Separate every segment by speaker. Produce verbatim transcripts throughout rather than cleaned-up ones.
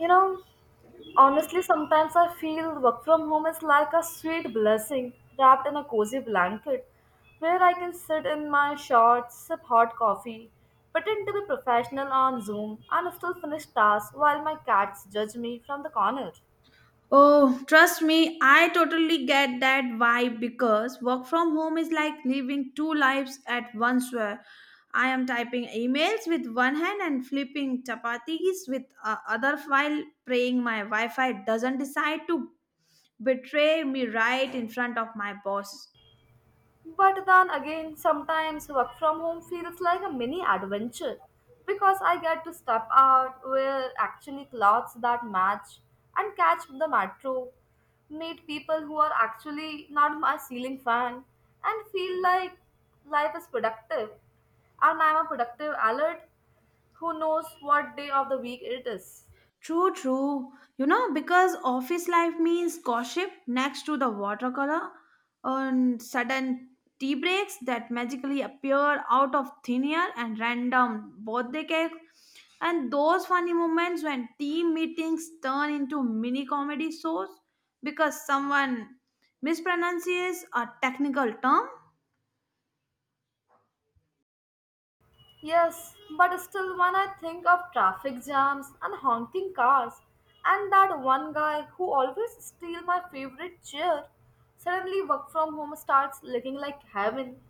Speaker 1: You know, honestly, sometimes I feel work from home is like a sweet blessing wrapped in a cozy blanket where I can sit in my shorts, sip hot coffee, pretend to be professional on Zoom, and still finish tasks while my cats judge me from the corner.
Speaker 2: Oh, trust me, I totally get that vibe because work from home is like living two lives at once where I am typing emails with one hand and flipping chapatis with uh, other while praying my Wi-Fi doesn't decide to betray me right in front of my boss.
Speaker 1: But then again, sometimes work from home feels like a mini adventure because I get to step out, wear actually clothes that match, and catch the metro, meet people who are actually not my ceiling fan, and feel like life is productive. And I'm a productive alert who knows what day of the week it is.
Speaker 2: True, true. You know, because office life means gossip next to the watercolor and sudden tea breaks that magically appear out of thin air and random birthday cake and those funny moments when team meetings turn into mini comedy shows because someone mispronounces a technical term.
Speaker 1: Yes, but still, when I think of traffic jams and honking cars, and that one guy who always steals my favorite chair, suddenly work from home starts looking like heaven.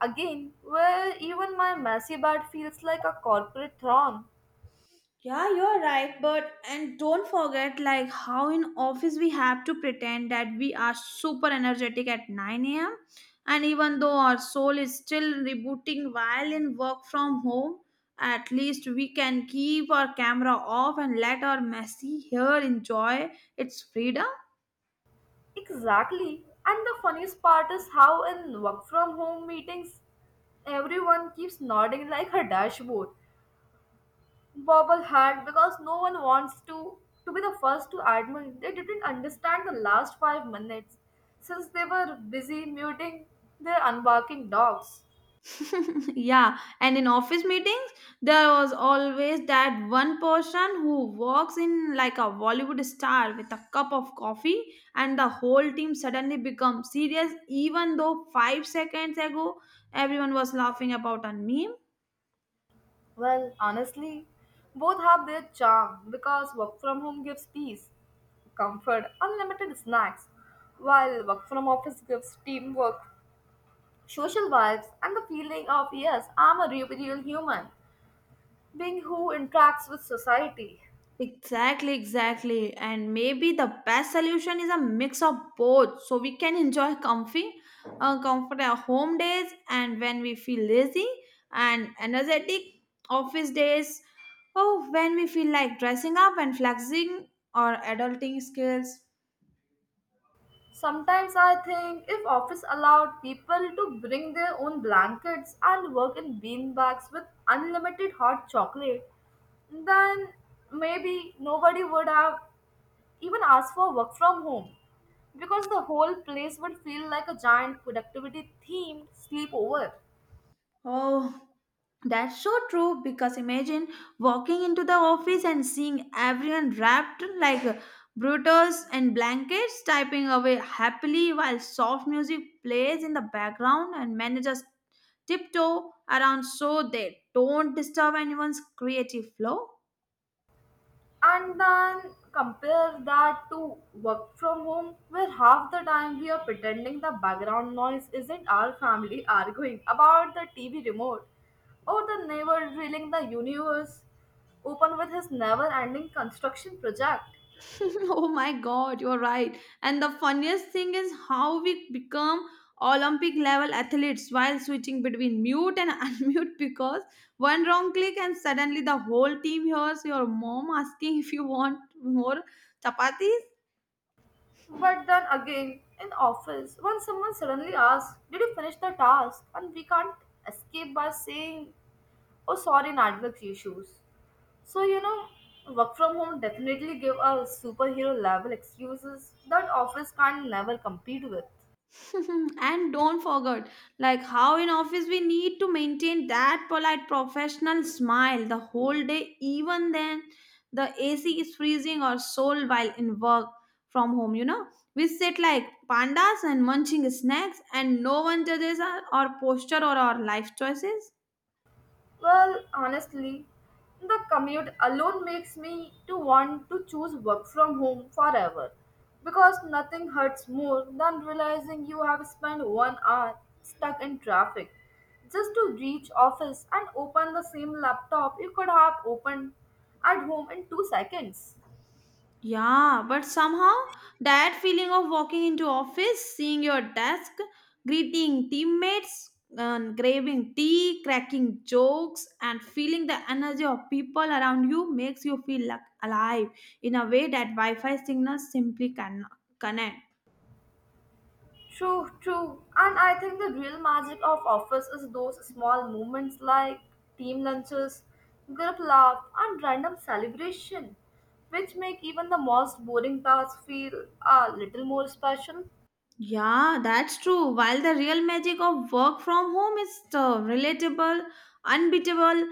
Speaker 1: Again, where even my messy bed feels like a corporate throne.
Speaker 2: Yeah, you're right, but and don't forget, like how in office we have to pretend that we are super energetic at nine a m and even though our soul is still rebooting while in work from home, at least we can keep our camera off and let our messy hair enjoy its freedom.
Speaker 1: Exactly. And the funniest part is how in work from home meetings, everyone keeps nodding like a dashboard. Bobble had because no one wants to to be the first to admit they didn't understand the last five minutes since they were busy muting their unbarking dogs.
Speaker 2: Yeah, and in office meetings there was always that one person who walks in like a Bollywood star with a cup of coffee and the whole team suddenly becomes serious even though five seconds ago everyone was laughing about a meme.
Speaker 1: Well, honestly, both have their charm because work from home gives peace, comfort, unlimited snacks, while work from office gives teamwork, social vibes, and the feeling of yes, I'm a real real human being who interacts with society.
Speaker 2: Exactly, exactly. And maybe the best solution is a mix of both so we can enjoy comfy, uh, comfort our home days and when we feel lazy and energetic office days. Oh, when we feel like dressing up and flexing or adulting skills.
Speaker 1: Sometimes I think if office allowed people to bring their own blankets and work in bean bags with unlimited hot chocolate, then maybe nobody would have even asked for work from home because the whole place would feel like a giant productivity themed sleepover.
Speaker 2: Oh, that's so true because imagine walking into the office and seeing everyone wrapped like uh, brutos and blankets typing away happily while soft music plays in the background and managers tiptoe around so they don't disturb anyone's creative flow.
Speaker 1: And then compare that to work from home, where half the time we are pretending the background noise isn't our family arguing about the T V remote or the neighbor drilling the universe open with his never ending construction project.
Speaker 2: Oh my god, you're right. And the funniest thing is how we become Olympic level athletes while switching between mute and unmute because one wrong click and suddenly the whole team hears your mom asking if you want more chapatis.
Speaker 1: But then again, in office, when someone suddenly asks, did you finish the task? And we can't escape by saying, oh, sorry, network issues. So you know, work from home definitely give a superhero level excuses that office can never compete with.
Speaker 2: And don't forget, like how in office we need to maintain that polite professional smile the whole day, even then the A C is freezing or soul while in work from home, you know. We sit like pandas and munching snacks and no one judges our, our posture or our life choices.
Speaker 1: Well, honestly, the commute alone makes me to want to choose work from home forever because nothing hurts more than realizing you have spent one hour stuck in traffic just to reach office and open the same laptop you could have opened at home in two seconds.
Speaker 2: Yeah, but somehow that feeling of walking into office, seeing your desk, greeting teammates, and grabbing tea, cracking jokes, and feeling the energy of people around you makes you feel like alive in a way that Wi-Fi signals simply cannot connect.
Speaker 1: True, true. And I think the real magic of office is those small moments like team lunches, group laugh, and random celebration, which make even the most boring tasks feel a little more special.
Speaker 2: Yeah, that's true. While the real magic of work from home is the relatable, unbeatable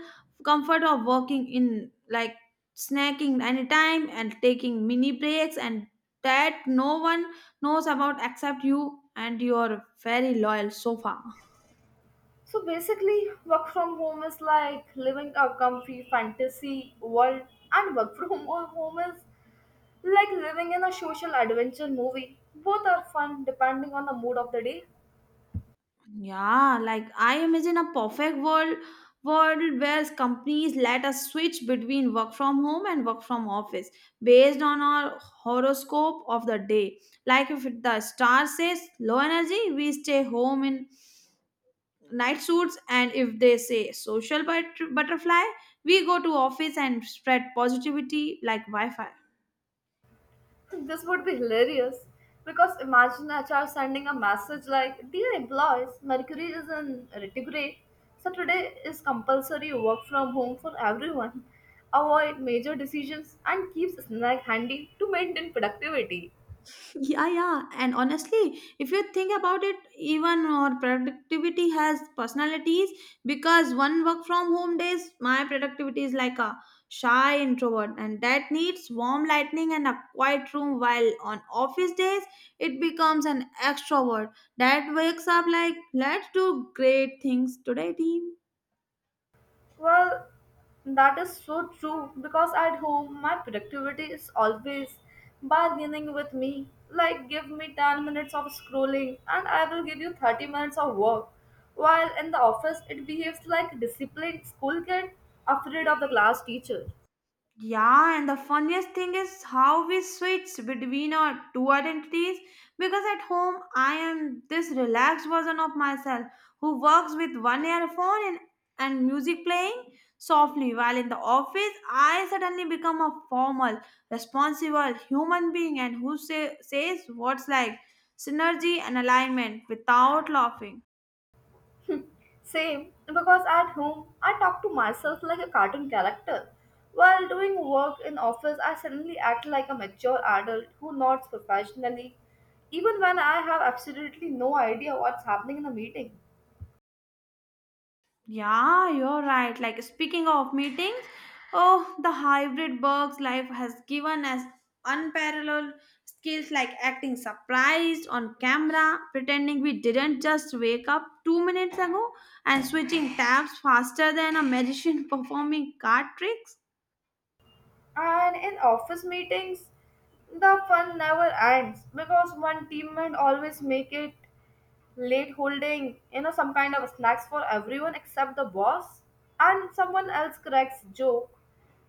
Speaker 2: comfort of working in like snacking anytime and taking mini breaks and that no one knows about except you and your very loyal sofa.
Speaker 1: So basically, work from home is like living a comfy fantasy world, and work from home is like living in a social adventure movie. Both are fun depending on the mood of the day.
Speaker 2: Yeah, like I imagine a perfect world world where companies let us switch between work from home and work from office based on our horoscope of the day. Like if the star says low energy, we stay home in night suits, and if they say social but- butterfly, we go to office and spread positivity like Wi-Fi.
Speaker 1: This would be hilarious because imagine H R sending a message like, dear employees, Mercury is in retrograde, so today is compulsory work from home for everyone. Avoid major decisions and keep snack handy to maintain productivity.
Speaker 2: Yeah, yeah. And honestly, if you think about it, even our productivity has personalities because one work from home days, my productivity is like a shy introvert and that needs warm lighting and a quiet room while on office days it becomes an extrovert that wakes up like let's do great things today team.
Speaker 1: Well, that is so true because at home my productivity is always bargaining with me. Like, give me ten minutes of scrolling and I will give you thirty minutes of work. While in the office, it behaves like a disciplined school kid afraid of the class teacher.
Speaker 2: Yeah, and the funniest thing is how we switch between our two identities because at home I am this relaxed version of myself who works with one earphone and, and music playing softly, while in the office I suddenly become a formal, responsible human being and who say, says what's like synergy and alignment without laughing.
Speaker 1: Same, because at home I talk to myself like a cartoon character. While doing work in office, I suddenly act like a mature adult who nods professionally, even when I have absolutely no idea what's happening in the meeting.
Speaker 2: Yeah, you're right. Like speaking of meetings, oh, the hybrid works life has given us unparalleled skills like acting surprised on camera, pretending we didn't just wake up two minutes ago, and switching tabs faster than a magician performing card tricks.
Speaker 1: And in office meetings, the fun never ends because one teammate always make it late holding, you know, some kind of snacks for everyone except the boss, and someone else cracks joke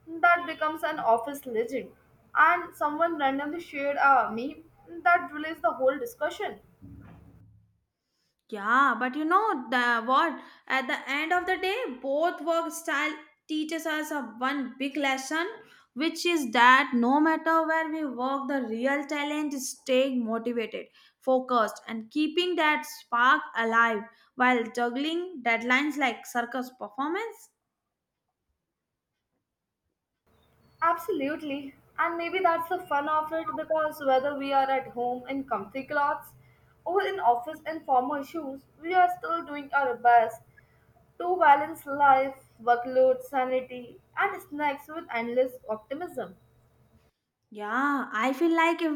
Speaker 1: that becomes an office legend, and someone randomly shared a meme that relates the whole discussion.
Speaker 2: Yeah, but you know the what? At the end of the day, both work style teaches us a one big lesson, which is that no matter where we work, the real talent is staying motivated, focused, and keeping that spark alive while juggling deadlines like circus performance.
Speaker 1: Absolutely, and maybe that's the fun of it because whether we are at home in comfy clothes or in office in formal shoes, we are still doing our best to balance life, workload, sanity, and snacks with endless optimism.
Speaker 2: Yeah, I feel like if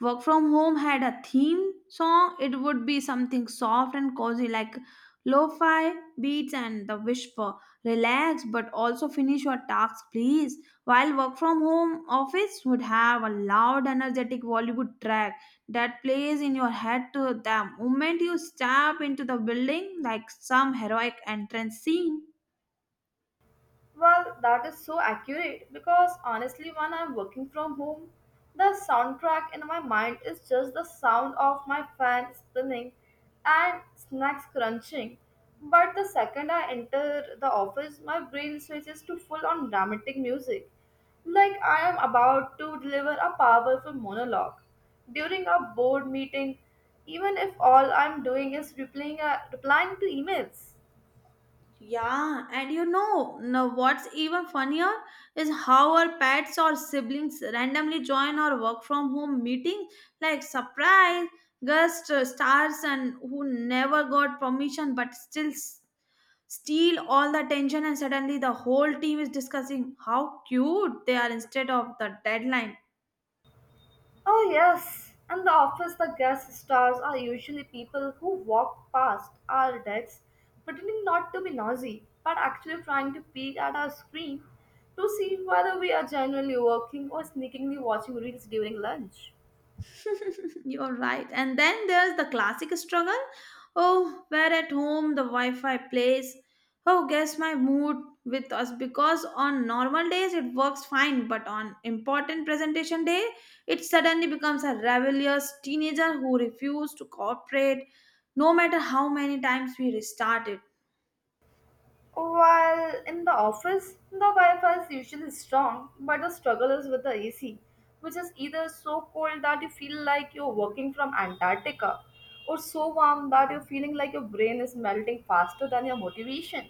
Speaker 2: Work From Home had a theme song, it would be something soft and cozy like lo-fi beats and the whisper. Relax, but also finish your tasks, please. While Work From Home office would have a loud, energetic Bollywood track that plays in your head to the moment you step into the building like some heroic entrance scene.
Speaker 1: Well, that is so accurate because honestly, when I'm working from home, the soundtrack in my mind is just the sound of my fan spinning and snacks crunching. But the second I enter the office, my brain switches to full on dramatic music, like I am about to deliver a powerful monologue. During a board meeting, even if all I'm doing is replying, uh, replying to emails.
Speaker 2: Yeah, and you know, now what's even funnier is how our pets or siblings randomly join our work from home meeting like surprise guest uh, stars and who never got permission but still s- steal all the attention and suddenly the whole team is discussing how cute they are instead of the deadline.
Speaker 1: Oh, yes. And the office, the guest stars are usually people who walk past our desks pretending not to be nosy, but actually trying to peek at our screen to see whether we are genuinely working or sneakingly watching reels during lunch.
Speaker 2: You're right. And then there's the classic struggle. Oh, where at home the Wi Fi plays. Oh, guess my mood with us because on normal days it works fine, but on important presentation day, it suddenly becomes a rebellious teenager who refuses to cooperate no matter how many times we restart it.
Speaker 1: While in the office, the Wi Fi is usually strong, but the struggle is with the A C, which is either so cold that you feel like you're working from Antarctica, or so warm that you're feeling like your brain is melting faster than your motivation.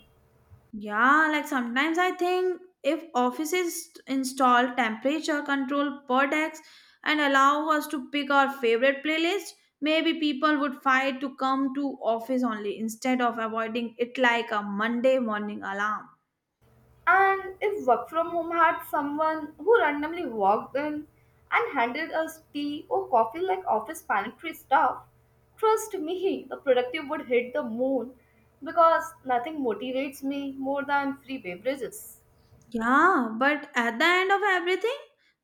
Speaker 2: Yeah, like sometimes I think if offices install temperature control per decks and allow us to pick our favorite playlist, maybe people would fight to come to office only instead of avoiding it like a Monday morning alarm.
Speaker 1: And if work from home had someone who randomly walked in and handed us tea or coffee like office pantry stuff, trust me, the productive would hit the moon because nothing motivates me more than free beverages.
Speaker 2: Yeah, but at the end of everything,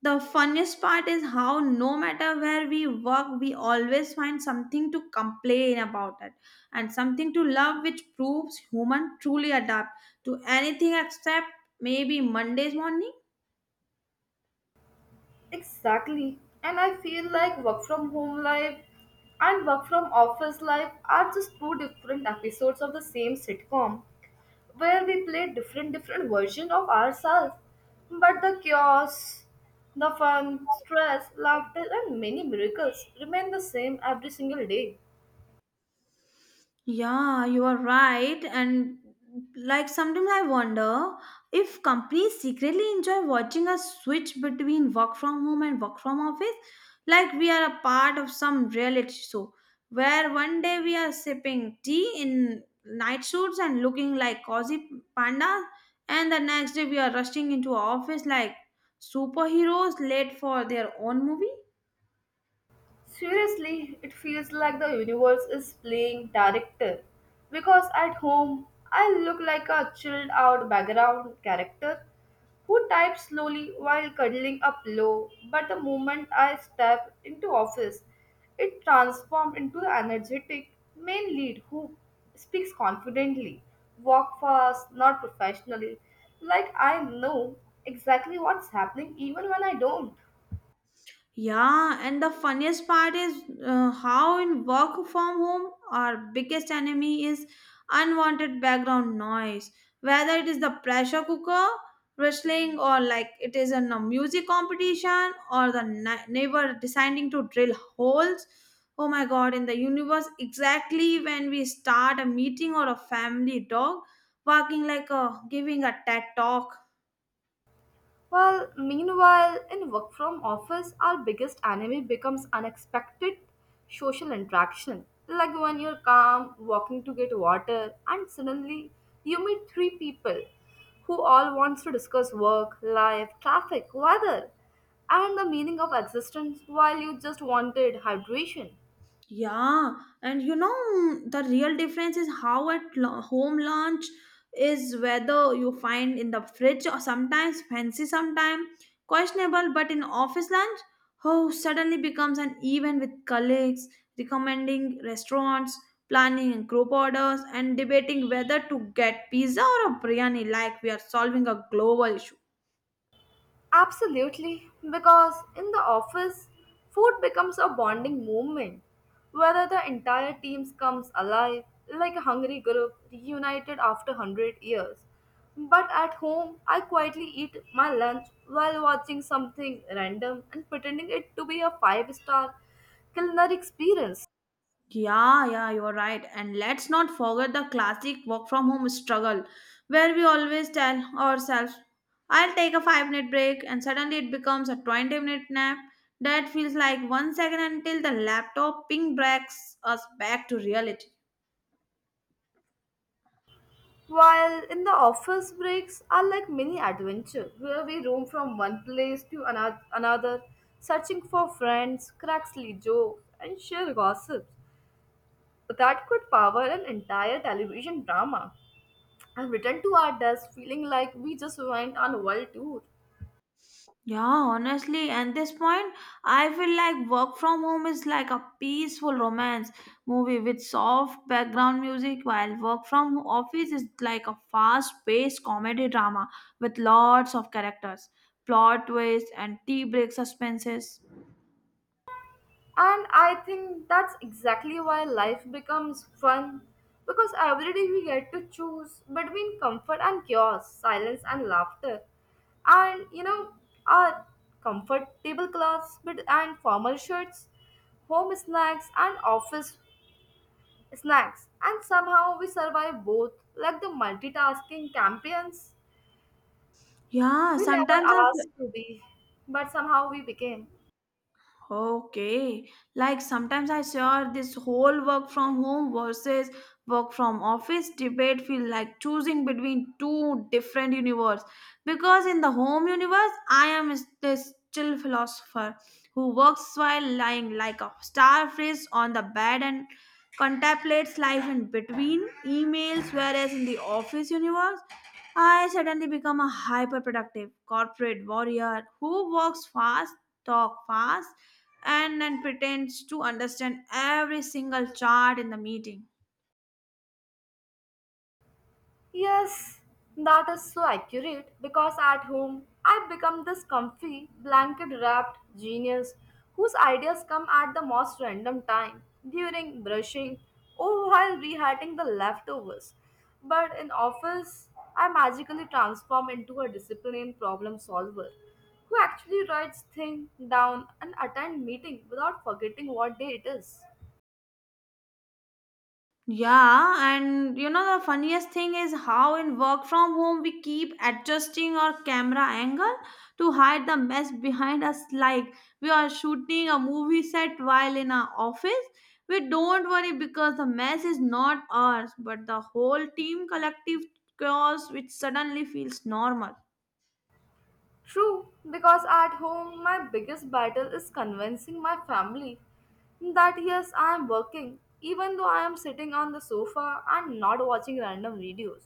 Speaker 2: the funniest part is how no matter where we work, we always find something to complain about it and something to love, which proves human truly adapt to anything except maybe Monday's morning.
Speaker 1: Exactly. And I feel like work from home life and work from office life are just two different episodes of the same sitcom where we play different different versions of ourselves. But the chaos, the fun, stress, laughter and many miracles remain the same every single day.
Speaker 2: Yeah, you are right. And like sometimes I wonder if companies secretly enjoy watching us switch between work from home and work from office. Like we are a part of some reality show where one day we are sipping tea in night suits and looking like cozy panda, and the next day we are rushing into our office like superheroes late for their own movie.
Speaker 1: Seriously, it feels like the universe is playing director because at home I look like a chilled out background character who types slowly while cuddling up low, but the moment I step into office, it transforms into the energetic main lead who speaks confidently, walk fast, not professionally, like I know exactly what's happening even when I don't.
Speaker 2: Yeah, and the funniest part is uh, how in work from home, our biggest enemy is unwanted background noise. Whether it is the pressure cooker wrestling, or like it is in a music competition, or the ni- neighbor deciding to drill holes. Oh my god, in the universe, exactly when we start a meeting or a family dog barking like a giving a TED talk.
Speaker 1: Well, meanwhile, in work from office, our biggest enemy becomes unexpected social interaction. Like when you're calm, walking to get water, and suddenly you meet three people who all wants to discuss work, life, traffic, weather, and the meaning of existence while you just wanted hydration.
Speaker 2: Yeah, and you know mm, the real difference is how at lo- home lunch is whether you find in the fridge or sometimes fancy, sometimes questionable, but in office lunch, oh, suddenly becomes an event with colleagues recommending restaurants, planning group orders, and debating whether to get pizza or a biryani. Like we are solving a global issue.
Speaker 1: Absolutely, because in the office, food becomes a bonding moment, whether the entire team comes alive, like a hungry group reunited after one hundred years. But at home, I quietly eat my lunch while watching something random and pretending it to be a five star culinary experience.
Speaker 2: Yeah, yeah, you're right. And let's not forget the classic work from home struggle where we always tell ourselves, I'll take a five minute break, and suddenly it becomes a twenty minute nap. That feels like one second until the laptop ping breaks us back to reality.
Speaker 1: While in the office breaks are like mini adventure where we roam from one place to ano- another, searching for friends, crack silly jokes, and share gossips that could power an entire television drama. And return to our desk feeling like we just went on a world tour.
Speaker 2: Yeah, honestly, at this point, I feel like work from home is like a peaceful romance movie with soft background music, while work from office is like a fast-paced comedy drama with lots of characters, plot twists, and tea break suspenses.
Speaker 1: And I think that's exactly why life becomes fun because every day we get to choose between comfort and chaos, silence and laughter. And you know, our comfortable clothes but- and formal shirts, home snacks and office snacks. And somehow we survive both like the multitasking champions
Speaker 2: Yeah,
Speaker 1: we never
Speaker 2: sometimes I
Speaker 1: asked to be, but somehow we became.
Speaker 2: Okay, like sometimes I share this whole work from home versus work from office debate feel like choosing between two different universe because in the home universe I am is- this chill philosopher who works while lying like a starfish on the bed and contemplates life in between emails whereas in the office universe I suddenly become a hyper productive corporate warrior who works fast talk fast, and then pretends to understand every single chart in the meeting.
Speaker 1: Yes, that is so accurate because at home I become this comfy, blanket wrapped genius whose ideas come at the most random time during brushing or while reheating the leftovers. But in office, I magically transform into a disciplined problem solver who actually writes things down and attend meeting without forgetting what day it is.
Speaker 2: Yeah, and you know the funniest thing is how in work from home we keep adjusting our camera angle to hide the mess behind us like we are shooting a movie set while in our office. We don't worry because the mess is not ours, but the whole team collective chaos which suddenly feels normal.
Speaker 1: True, because at home my biggest battle is convincing my family that yes, I am working, even though I am sitting on the sofa and not watching random videos.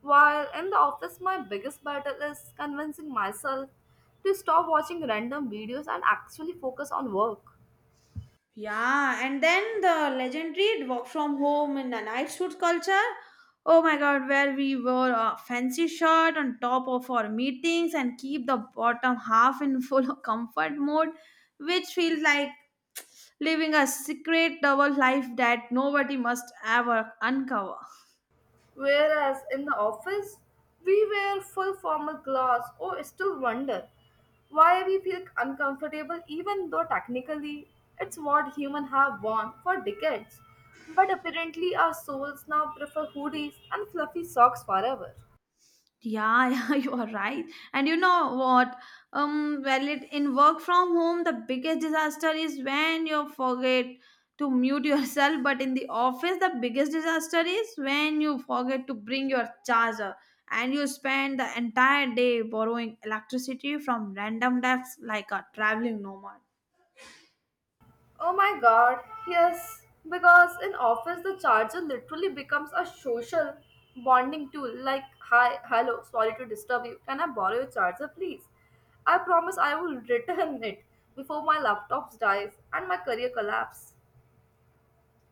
Speaker 1: While in the office, my biggest battle is convincing myself to stop watching random videos and actually focus on work.
Speaker 2: Yeah, and then the legendary work from home in the night suit culture. Oh my god, where we wore a fancy shirt on top of our meetings and keep the bottom half in full comfort mode, which feels like living a secret double life that nobody must ever uncover.
Speaker 1: Whereas in the office, we wear full formal clothes or still wonder why we feel uncomfortable even though technically it's what humans have worn for decades. But apparently our souls now prefer hoodies and fluffy socks forever.
Speaker 2: Yeah, yeah, you are right. And you know what? Um, well, it, in work from home, the biggest disaster is when you forget to mute yourself. But in the office, the biggest disaster is when you forget to bring your charger and you spend the entire day borrowing electricity from random desks like a traveling nomad.
Speaker 1: Oh my god, yes. Because in office, the charger literally becomes a social bonding tool like, hi, hello, sorry to disturb you. Can I borrow your charger, please? I promise I will return it before my laptop dies and my career collapse.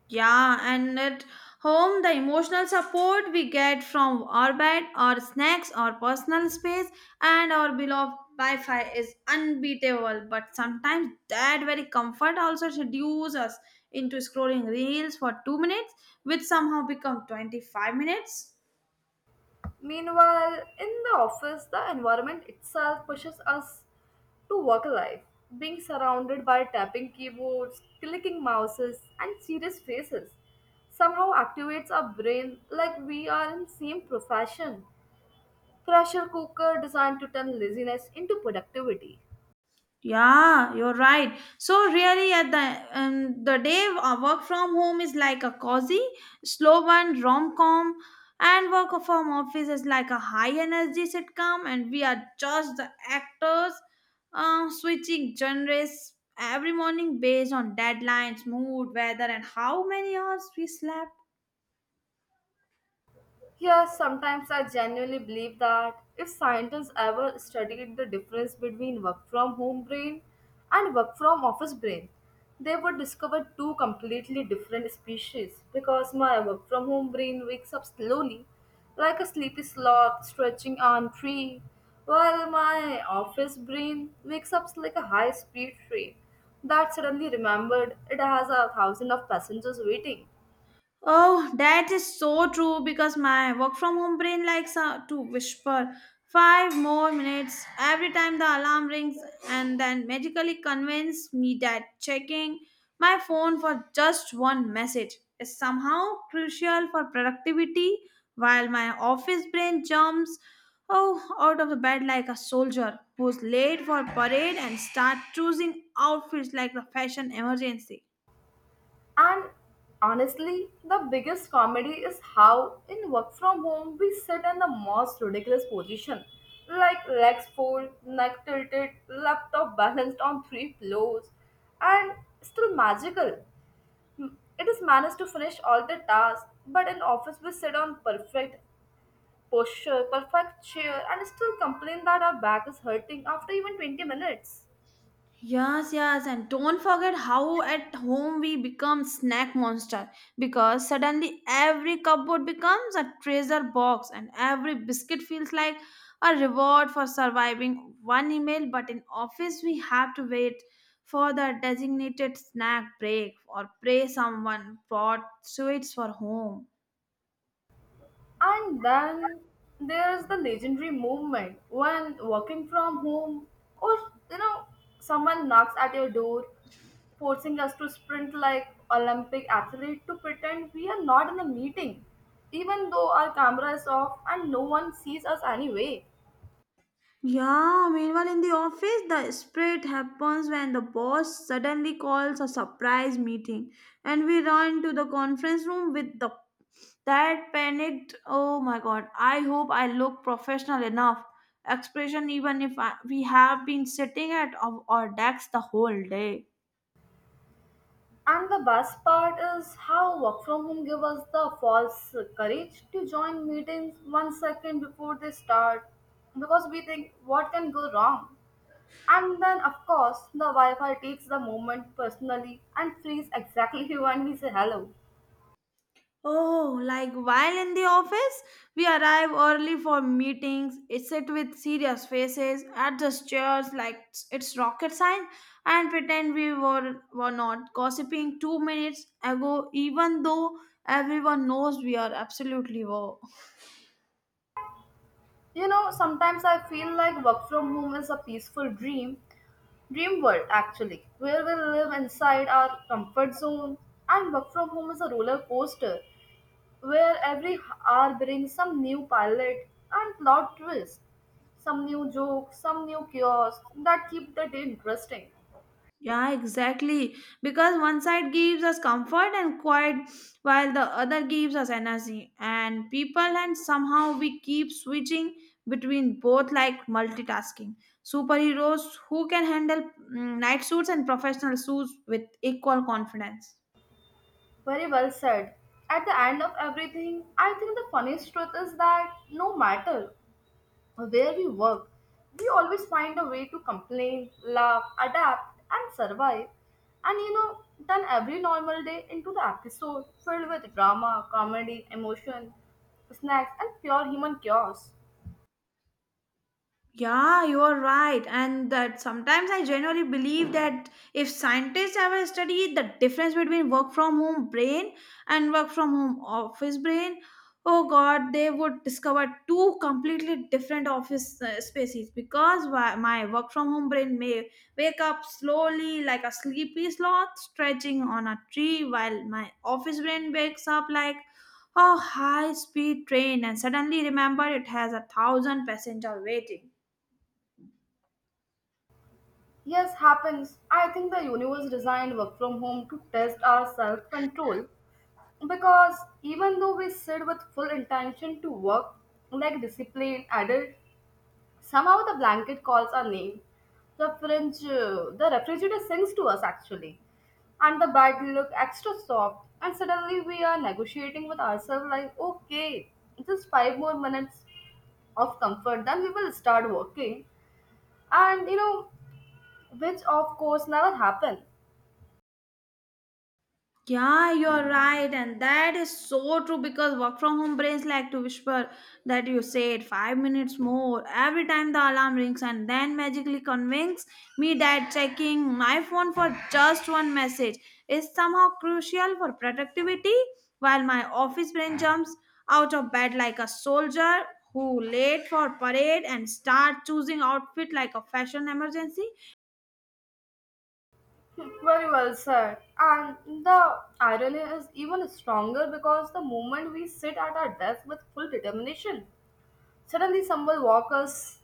Speaker 2: Yeah, and at home, the emotional support we get from our bed, our snacks, our personal space, and our beloved Wi Fi is unbeatable. But sometimes that very comfort also seduces us into scrolling reels for two minutes, which somehow become twenty-five minutes.
Speaker 1: Meanwhile, in the office, the environment itself pushes us to work life. Being surrounded by tapping keyboards, clicking mouses, and serious faces somehow activates our brain like we are in same profession. Pressure cooker designed to turn laziness into productivity.
Speaker 2: Yeah, you're right. So really, at the um, the day, uh, work from home is like a cozy, slow one rom com, and work from office is like a high energy sitcom, and we are just the actors, uh, switching genres every morning based on deadlines, mood, weather, and how many hours we slept.
Speaker 1: Yes, sometimes I genuinely believe that if scientists ever studied the difference between work from home brain and work from office brain, they would discover two completely different species because my work from home brain wakes up slowly, like a sleepy sloth stretching on tree, while my office brain wakes up like a high speed train that suddenly remembered it has a thousand of passengers waiting.
Speaker 2: Oh, that is so true because my work from home brain likes uh, to whisper five more minutes every time the alarm rings and then magically convince me that checking my phone for just one message is somehow crucial for productivity, while my office brain jumps oh out of the bed like a soldier who's late for parade and start choosing outfits like a fashion emergency.
Speaker 1: And honestly, the biggest comedy is how in work from home we sit in the most ridiculous position, like legs folded, neck tilted, laptop balanced on three floors, and still magical. It is managed to finish all the tasks, but in office we sit on perfect posture, perfect chair, and still complain that our back is hurting after even twenty minutes.
Speaker 2: Yes, yes, and don't forget how at home we become snack monster, because suddenly every cupboard becomes a treasure box and every biscuit feels like a reward for surviving one email. But in office, we have to wait for the designated snack break or pray someone brought sweets for home.
Speaker 1: And then there is the legendary movement when working from home or you know someone knocks at your door, forcing us to sprint like Olympic athlete to pretend we are not in the meeting, even though our camera is off and no one sees us anyway.
Speaker 2: Yeah, meanwhile in the office, the split happens when the boss suddenly calls a surprise meeting and we run to the conference room with the that panicked, oh my god, I hope I look professional enough expression, even if I, we have been sitting at our, our decks the whole day.
Speaker 1: And the best part is how work from home give us the false courage to join meetings one second before they start because we think what can go wrong. And then, of course, the Wi Fi takes the moment personally and frees exactly when we say hello.
Speaker 2: Oh, like while in the office, we arrive early for meetings, sit with serious faces, adjust chairs like it's rocket science, and pretend we were, were not gossiping two minutes ago, even though everyone knows we are absolutely were.
Speaker 1: You know, sometimes I feel like work from home is a peaceful dream, dream world actually, where we live inside our comfort zone. And work from home is a roller coaster where every hour brings some new pilot and plot twist, some new joke, some new chaos that keep the day interesting.
Speaker 2: Yeah, exactly. Because one side gives us comfort and quiet, while the other gives us energy and people, and somehow we keep switching between both like multitasking superheroes who can handle mm, night suits and professional suits with equal confidence.
Speaker 1: Very well said. At the end of everything, I think the funniest truth is that no matter where we work, we always find a way to complain, laugh, adapt, and survive. And you know, turn every normal day into the episode filled with drama, comedy, emotion, snacks, and pure human chaos.
Speaker 2: Yeah, you are right. And that sometimes I genuinely believe that if scientists ever study the difference between work from home brain and work from home office brain, oh god, they would discover two completely different office uh, species because why- my work from home brain may wake up slowly like a sleepy sloth stretching on a tree, while my office brain wakes up like a high speed train and suddenly remember it has a thousand passenger waiting.
Speaker 1: Yes, happens. I think the universe designed work from home to test our self control. Because even though we sit with full intention to work like disciplined adults, somehow the blanket calls our name. The fringe, uh, the refrigerator sings to us actually, and the bed look extra soft. And suddenly we are negotiating with ourselves like, okay, just five more minutes of comfort, then we will start working. And you know, which of course never happened.
Speaker 2: Yeah, you're right, and that is so true because work from home brains like to whisper that you said five minutes more every time the alarm rings, and then magically convince me that checking my phone for just one message is somehow crucial for productivity, while my office brain jumps out of bed like a soldier who late for parade and start choosing outfit like a fashion emergency.
Speaker 1: Very well said. And the irony is even stronger because the moment we sit at our desk with full determination, suddenly someone walks us,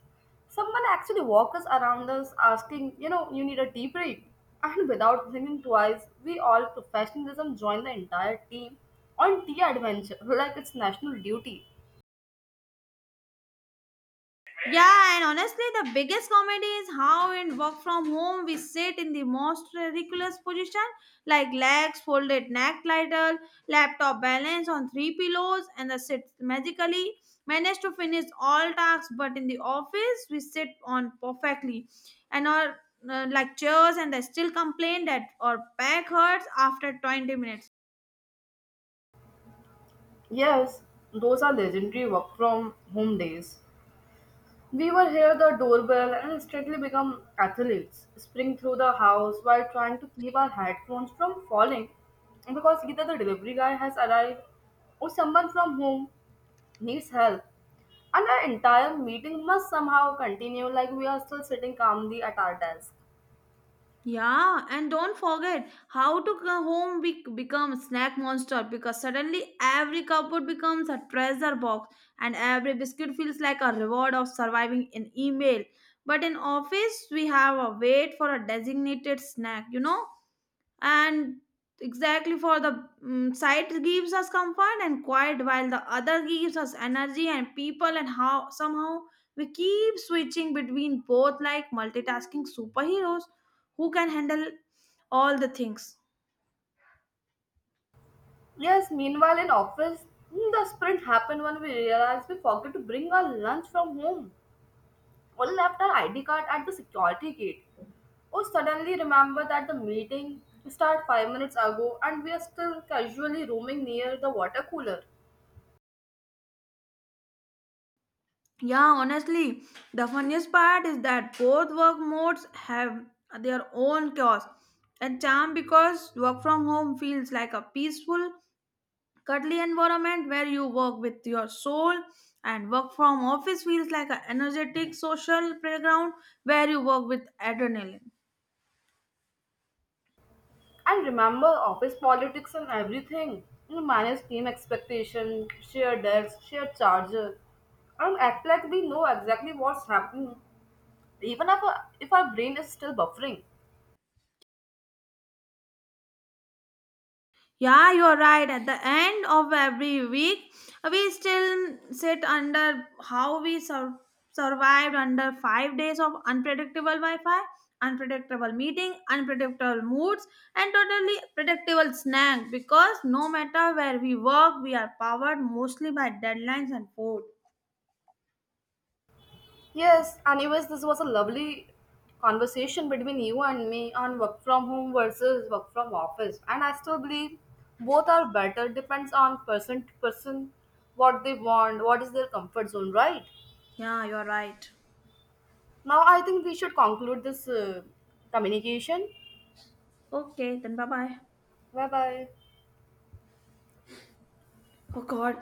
Speaker 1: someone actually walks us around us asking, you know, you need a deep break. And without thinking twice, we all professionalism join the entire team on tea adventure like it's national duty.
Speaker 2: Yeah, and honestly, the biggest comedy is how in work from home we sit in the most ridiculous position, like legs folded, neck lateral, laptop balanced on three pillows, and the sit magically manage to finish all tasks. But in the office, we sit on perfectly, and our uh, like chairs, and they still complain that our back hurts after twenty minutes.
Speaker 1: Yes, those are legendary work from home days. We were here the doorbell and instantly become athletes, spring through the house while trying to keep our headphones from falling because either the delivery guy has arrived or someone from home needs help. And our entire meeting must somehow continue like we are still sitting calmly at our desk.
Speaker 2: Yeah, and don't forget how to go home be- become snack monster, because suddenly every cupboard becomes a treasure box and every biscuit feels like a reward of surviving an email. But in office we have a wait for a designated snack, you know? And exactly for the mm sight gives us comfort and quiet, while the other gives us energy and people, and how somehow we keep switching between both like multitasking superheroes who can handle all the things.
Speaker 1: Yes, meanwhile in office, the sprint happened when we realized we forgot to bring our lunch from home. One left our I D card at the security gate. Oh, suddenly remember that the meeting started five minutes ago and we are still casually roaming near the water cooler.
Speaker 2: Yeah, honestly, the funniest part is that both work modes have their own chaos and charm, because work from home feels like a peaceful cuddly environment where you work with your soul, and work from office feels like an energetic social playground where you work with adrenaline.
Speaker 1: And remember office politics and everything. You manage team expectation, share desk, share charger, and act like we know exactly what's happening, even if our, if our brain is still buffering.
Speaker 2: Yeah, you're right, at the end of every week we still sit under how we sur- survived under five days of unpredictable wi-fi, unpredictable meeting, unpredictable moods, and totally predictable snack, because no matter where we work we are powered mostly by deadlines and food.
Speaker 1: Yes, anyways, this was a lovely conversation between you and me on work from home versus work from office. And I still believe both are better, depends on person to person, what they want, what is their comfort zone, right?
Speaker 2: Yeah, you're right.
Speaker 1: Now, I think we should conclude this uh, communication.
Speaker 2: Okay, then bye bye.
Speaker 1: Bye bye.
Speaker 2: Oh God,